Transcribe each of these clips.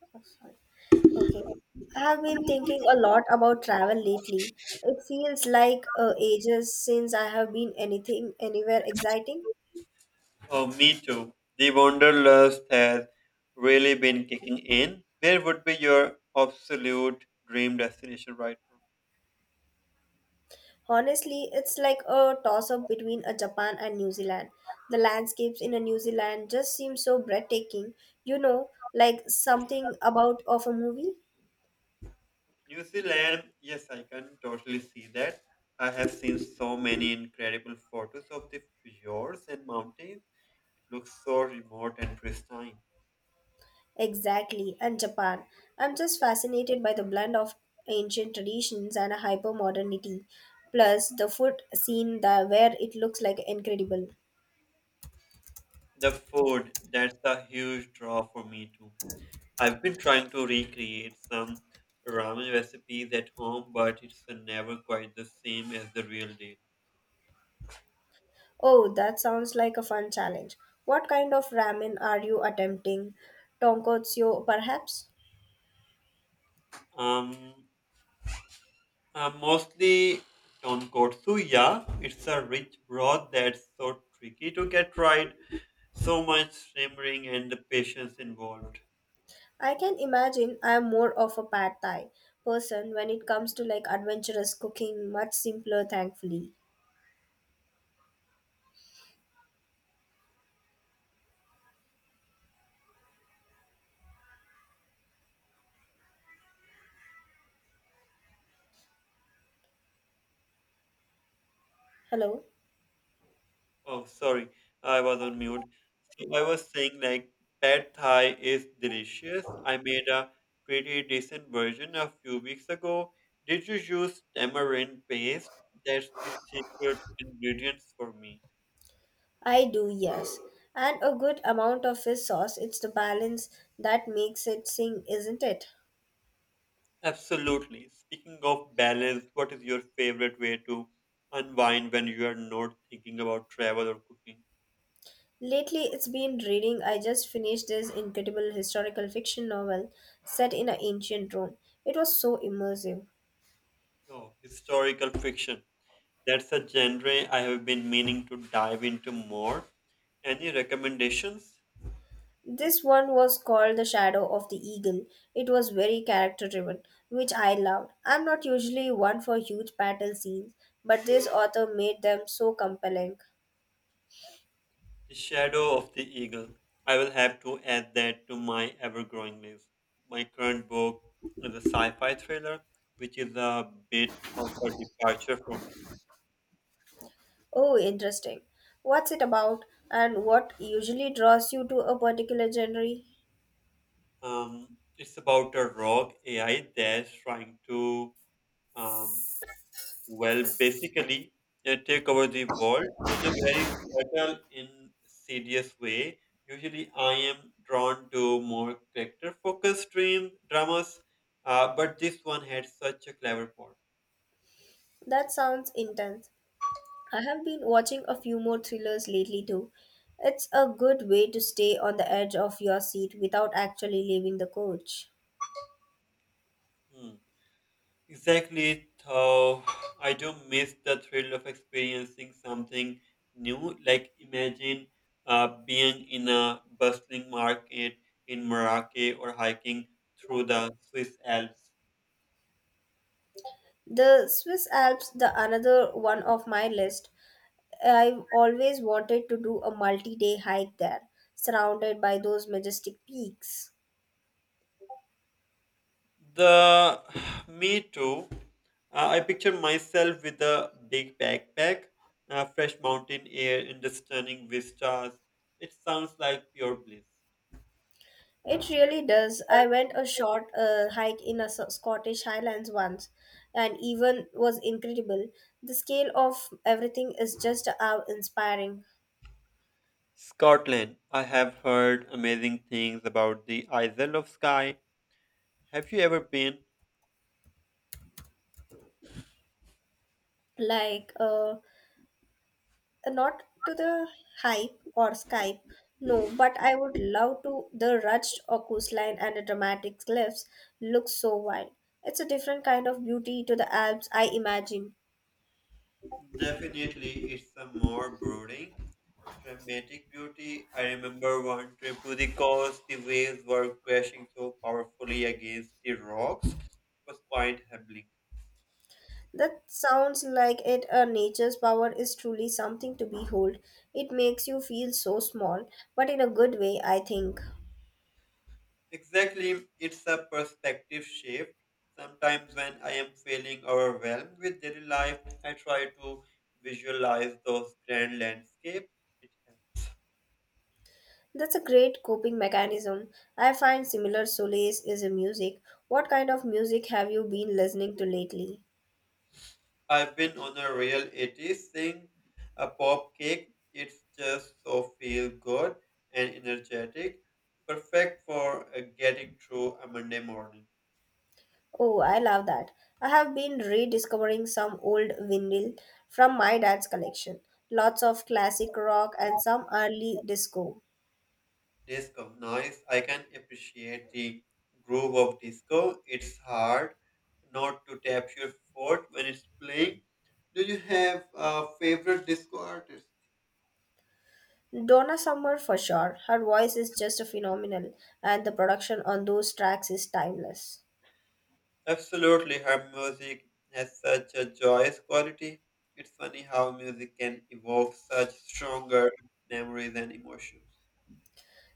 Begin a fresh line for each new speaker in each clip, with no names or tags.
Okay. I have been thinking a lot about travel lately. It feels like ages since I have been anything anywhere exciting.
Oh, me too. The Wanderlust has really been kicking in. Where would be your absolute dream destination right now?
Honestly, it's like a toss up between a Japan and New Zealand. The landscapes in a New Zealand just seem so breathtaking. You know, like something about of a movie.
New Zealand, yes, I can totally see that. I have seen so many incredible photos of the fjords and mountains. It looks so remote and pristine.
Exactly, and Japan. I'm just fascinated by the blend of ancient traditions and hyper modernity. Plus the food scene there where it looks like incredible.
The food, that's a huge draw for me too. I've been trying to recreate some ramen recipes at home, but it's never quite the same as the real deal.
Oh, that sounds like a fun challenge. What kind of ramen are you attempting? Tonkotsu, perhaps?
Um, Mostly tonkotsuya. It's a rich broth that's so tricky to get right. So much simmering and the patience involved.
I can imagine I am more of a pad thai person when it comes to like adventurous cooking, much simpler, thankfully. Hello.
Oh, sorry, I was on mute. So I was saying like pad thai is delicious. I made a pretty decent version a few weeks ago. Did you use tamarind paste? That's the secret ingredient for me.
I do, yes. And a good amount of his sauce. It's the balance that makes it sing, isn't it?
Absolutely. Speaking of balance, what is your favorite way to unwind when you are not thinking about travel or cooking?
Lately, it's been reading. I just finished this incredible historical fiction novel set in an ancient Rome. It was so immersive.
Oh, historical fiction. That's a genre I have been meaning to dive into more. Any recommendations?
This one was called The Shadow of the Eagle. It was very character driven, which I loved. I'm not usually one for huge battle scenes, but this author made them so compelling.
The Shadow of the Eagle. I will have to add that to my ever growing list. My current book is a sci fi thriller, which is a bit of a departure for me.
Oh, interesting. What's it about, and what usually draws you to a particular genre?
It's about a rogue AI that's trying to, um, well, basically take over the world in a very subtle, insidious way. Usually, I am drawn to more character-focused dream dramas, but this one had such a clever plot.
That sounds intense. I have been watching a few more thrillers lately too. It's a good way to stay on the edge of your seat without actually leaving the coach.
Hmm. Exactly, though I do miss the thrill of experiencing something new. Like imagine being in a bustling market in Morocco or hiking through the Swiss Alps.
The Swiss Alps, the another one of my list. I've always wanted to do a multi-day hike there, surrounded by those majestic peaks.
The me too. I picture myself with a big backpack, fresh mountain air, and the stunning vistas. It sounds like pure bliss.
It really does. I went a short hike in a Scottish Highlands once, and even was incredible. The scale of everything is just awe inspiring.
Scotland. I have heard amazing things about the Isle of Skye. Have you ever been?
Like, not to the hype or Skype, no, but I would love to. The rugged or coastline and the dramatic cliffs look so wild. It's a different kind of beauty to the Alps I imagine.
Definitely, it's a more brooding, dramatic beauty. I remember one trip to the coast, the waves were crashing so powerfully against the rocks. It was quite humbling.
That sounds like it. A nature's power is truly something to behold. It makes you feel so small, but in a good way, I think.
Exactly, it's a perspective shift. Sometimes, when I am feeling overwhelmed with daily life, I try to visualize those grand landscapes. It
That's a great coping mechanism. I find similar solace is in music. What kind of music have you been listening to lately?
I've been on a real 80's thing, a pop cake. It's just so feel good and energetic. Perfect for getting through a Monday morning.
Oh, I love that. I have been rediscovering some old vinyl from my dad's collection. Lots of classic rock and some early disco.
Disco, nice. I can appreciate the groove of disco. It's hard not to tap your foot when it's playing. Do you have a favorite disco artist?
Donna Summer for sure. Her voice is just phenomenal and the production on those tracks is timeless.
Absolutely, her music has such a joyous quality. It's funny how music can evoke such stronger memories and emotions.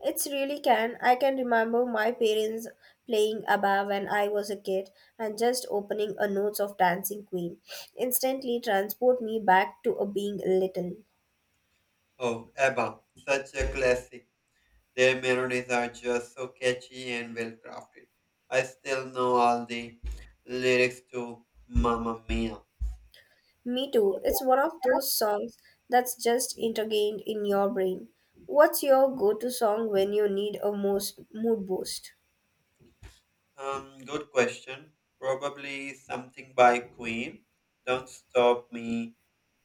It's really can. I can remember my parents playing ABBA when I was a kid and just opening a notes of Dancing Queen instantly transport me back to a being little.
Oh, ABBA, such a classic. Their melodies are just so catchy and well crafted. I still know all the lyrics to Mamma Mia.
Me too. It's one of those songs that's just integrated in your brain. What's your go-to song when you need a most mood boost?
Good question. Probably something by Queen. Don't stop me.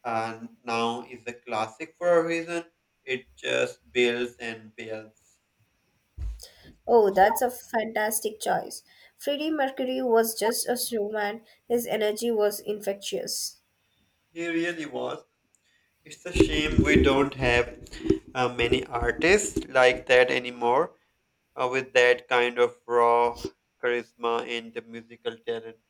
And now is a classic for a reason. It just builds and builds.
Oh, that's a fantastic choice. Freddie Mercury was just a showman, his energy was infectious.
He really was. It's a shame we don't have many artists like that anymore with that kind of raw charisma and the musical talent.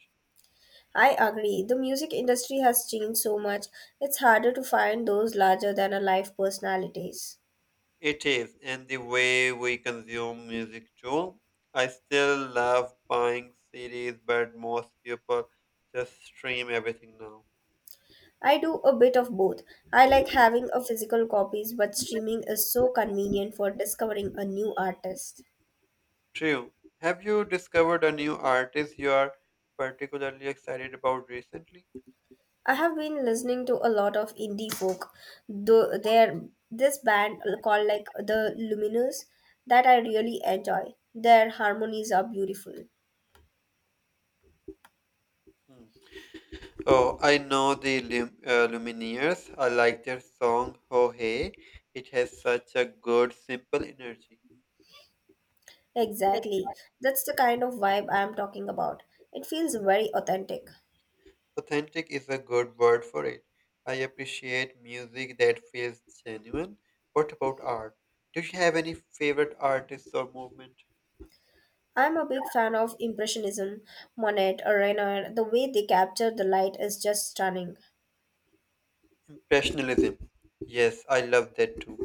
I agree. The music industry has changed so much, it's harder to find those larger than a life personalities.
It is, and the way we consume music too. I still love buying CDs, but most people just stream everything now.
I do a bit of both. I like having a physical copies, but streaming is so convenient for discovering a new artist.
True. Have you discovered a new artist you are particularly excited about recently?
I have been listening to a lot of indie folk. Though there this band called like the Luminous that I really enjoy. Their harmonies are beautiful.
Hmm. Oh, I know the Lumineers. I like their song "Oh Hey." It has such a good, simple energy.
Exactly. That's the kind of vibe I am talking about. It feels very authentic.
Authentic is a good word for it. I appreciate music that feels genuine. What about art? Do you have any favorite artists or movement?
I'm a big fan of Impressionism, Monet, or Renoir. The way they capture the light is just stunning.
Impressionism. Yes, I love that too.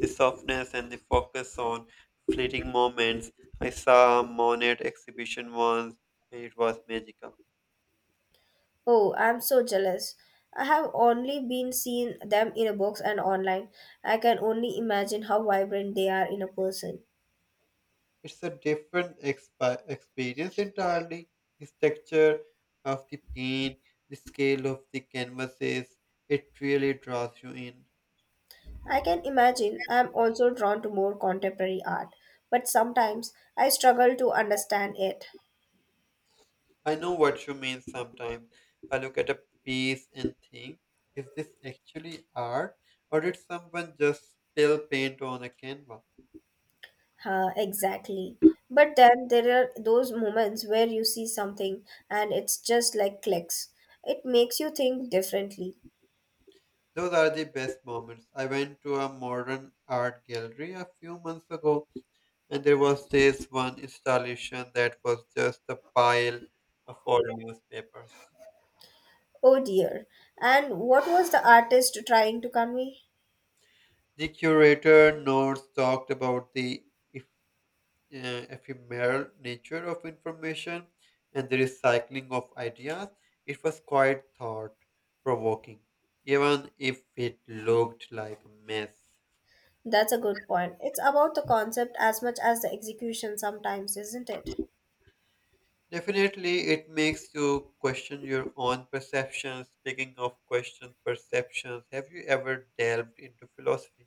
The softness and the focus on fleeting moments. I saw a Monet exhibition once and it was magical.
Oh, I'm so jealous. I have only been seeing them in a box and online. I can only imagine how vibrant they are in a person.
It's a different experience entirely. The texture of the paint, the scale of the canvases, it really draws you in.
I can imagine I'm also drawn to more contemporary art, but sometimes I struggle to understand it.
I know what you mean sometimes. I look at a piece and think, is this actually art or did someone just spill paint on a canvas?
Exactly. But then there are those moments where you see something and it's just like clicks. It makes you think differently.
Those are the best moments. I went to a modern art gallery a few months ago and there was this one installation that was just a pile of old newspapers.
Oh dear. And what was the artist trying to convey?
The curator notes talked about the uh, ephemeral nature of information and the recycling of ideas, it was quite thought provoking, even if it looked like a mess.
That's a good point. It's about the concept as much as the execution sometimes, isn't it?
Definitely, it makes you question your own perceptions. Speaking of questions, perceptions, have you ever delved into philosophy?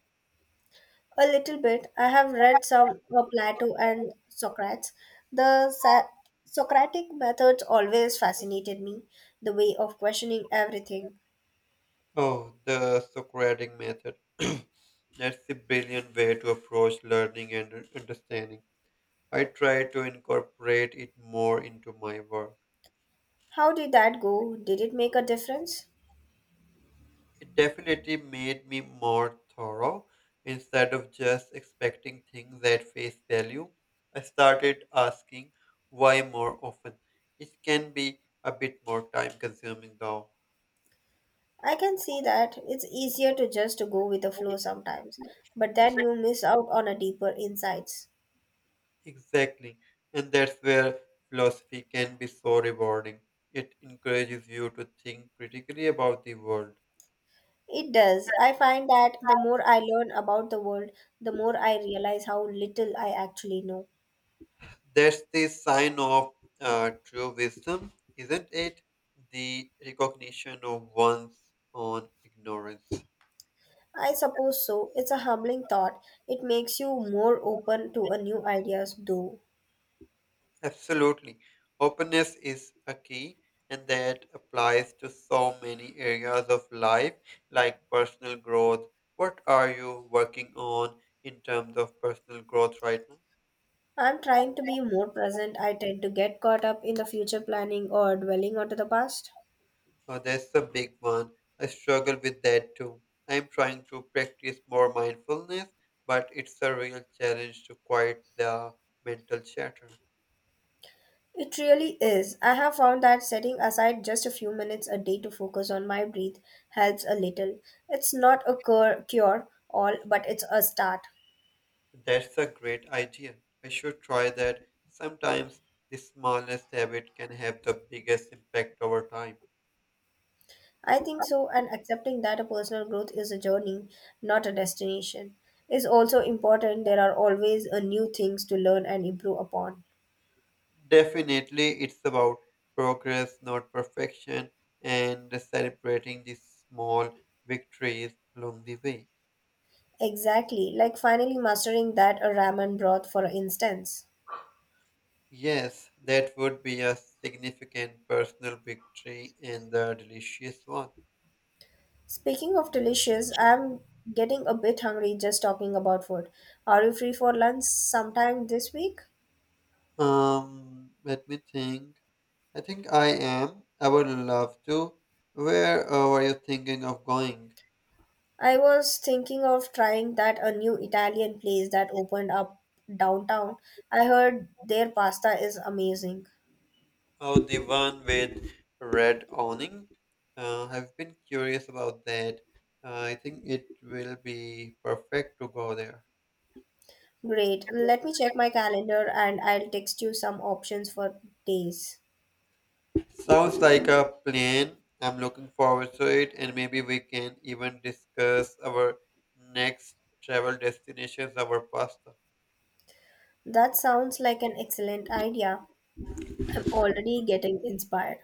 A little bit. I have read some of Plato and Socrates. The Socratic methods always fascinated me, the way of questioning everything.
Oh, the Socratic method. That's a brilliant way to approach learning and understanding. I try to incorporate it more into my work.
How did that go? Did it make a difference?
It definitely made me more thorough instead of just expecting things at face value. I started asking why more often. It can be a bit more time consuming though.
I can see that it's easier to just to go with the flow sometimes, but then you miss out on a deeper insights.
Exactly. And that's where philosophy can be so rewarding. It encourages you to think critically about the world.
It does. I find that the more I learn about the world, the more I realize how little I actually know.
That's the sign of true wisdom, isn't it? The recognition of one's own ignorance.
I suppose so. It's a humbling thought. It makes you more open to a new ideas though.
Absolutely. Openness is a key, and that applies to so many areas of life, like personal growth. What are you working on in terms of personal growth right now?
I'm trying to be more present. I tend to get caught up in the future planning or dwelling onto the past.
Oh, that's a big one. I struggle with that too. I'm trying to practice more mindfulness, but it's a real challenge to quiet the mental chatter.
It really is. I have found that setting aside just a few minutes a day to focus on my breath helps a little. It's not a cure all, but it's a start.
That's a great idea. I should try that. Sometimes the smallest habit can have the biggest impact over time.
I think so, and accepting that a personal growth is a journey, not a destination, is also important. There are always a new things to learn and improve upon.
Definitely, it's about progress, not perfection, and celebrating the small victories along the way.
Exactly, like finally mastering that a ramen broth, for instance.
Yes, that would be a significant personal victory and a delicious one.
Speaking of delicious, I'm getting a bit hungry just talking about food. Are you free for lunch sometime this week?
Let me think. I think I am. I would love to. Where were you thinking of going?
I was thinking of trying that a new Italian place that opened up downtown. I heard their pasta is amazing.
Oh, the one with red awning. I've been curious about that. I think it will be perfect to go there.
Great. Let me check my calendar and I'll text you some options for days.
Sounds like a plan. I'm looking forward to it, and maybe we can even discuss our next travel destinations, our pasta.
That sounds like an excellent idea. I'm already getting inspired.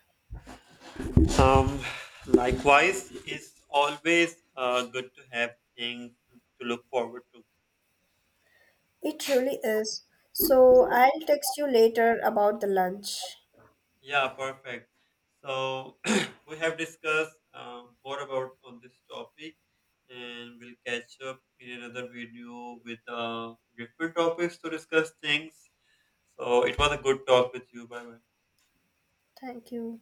Um, Likewise, it's always good to have things to look forward to.
It really is. So I'll text you later about the lunch.
Yeah, perfect. So we have discussed more about on this topic, and we'll catch up in another video with different topics to discuss things. So it was a good talk with you, by the way.
Thank you.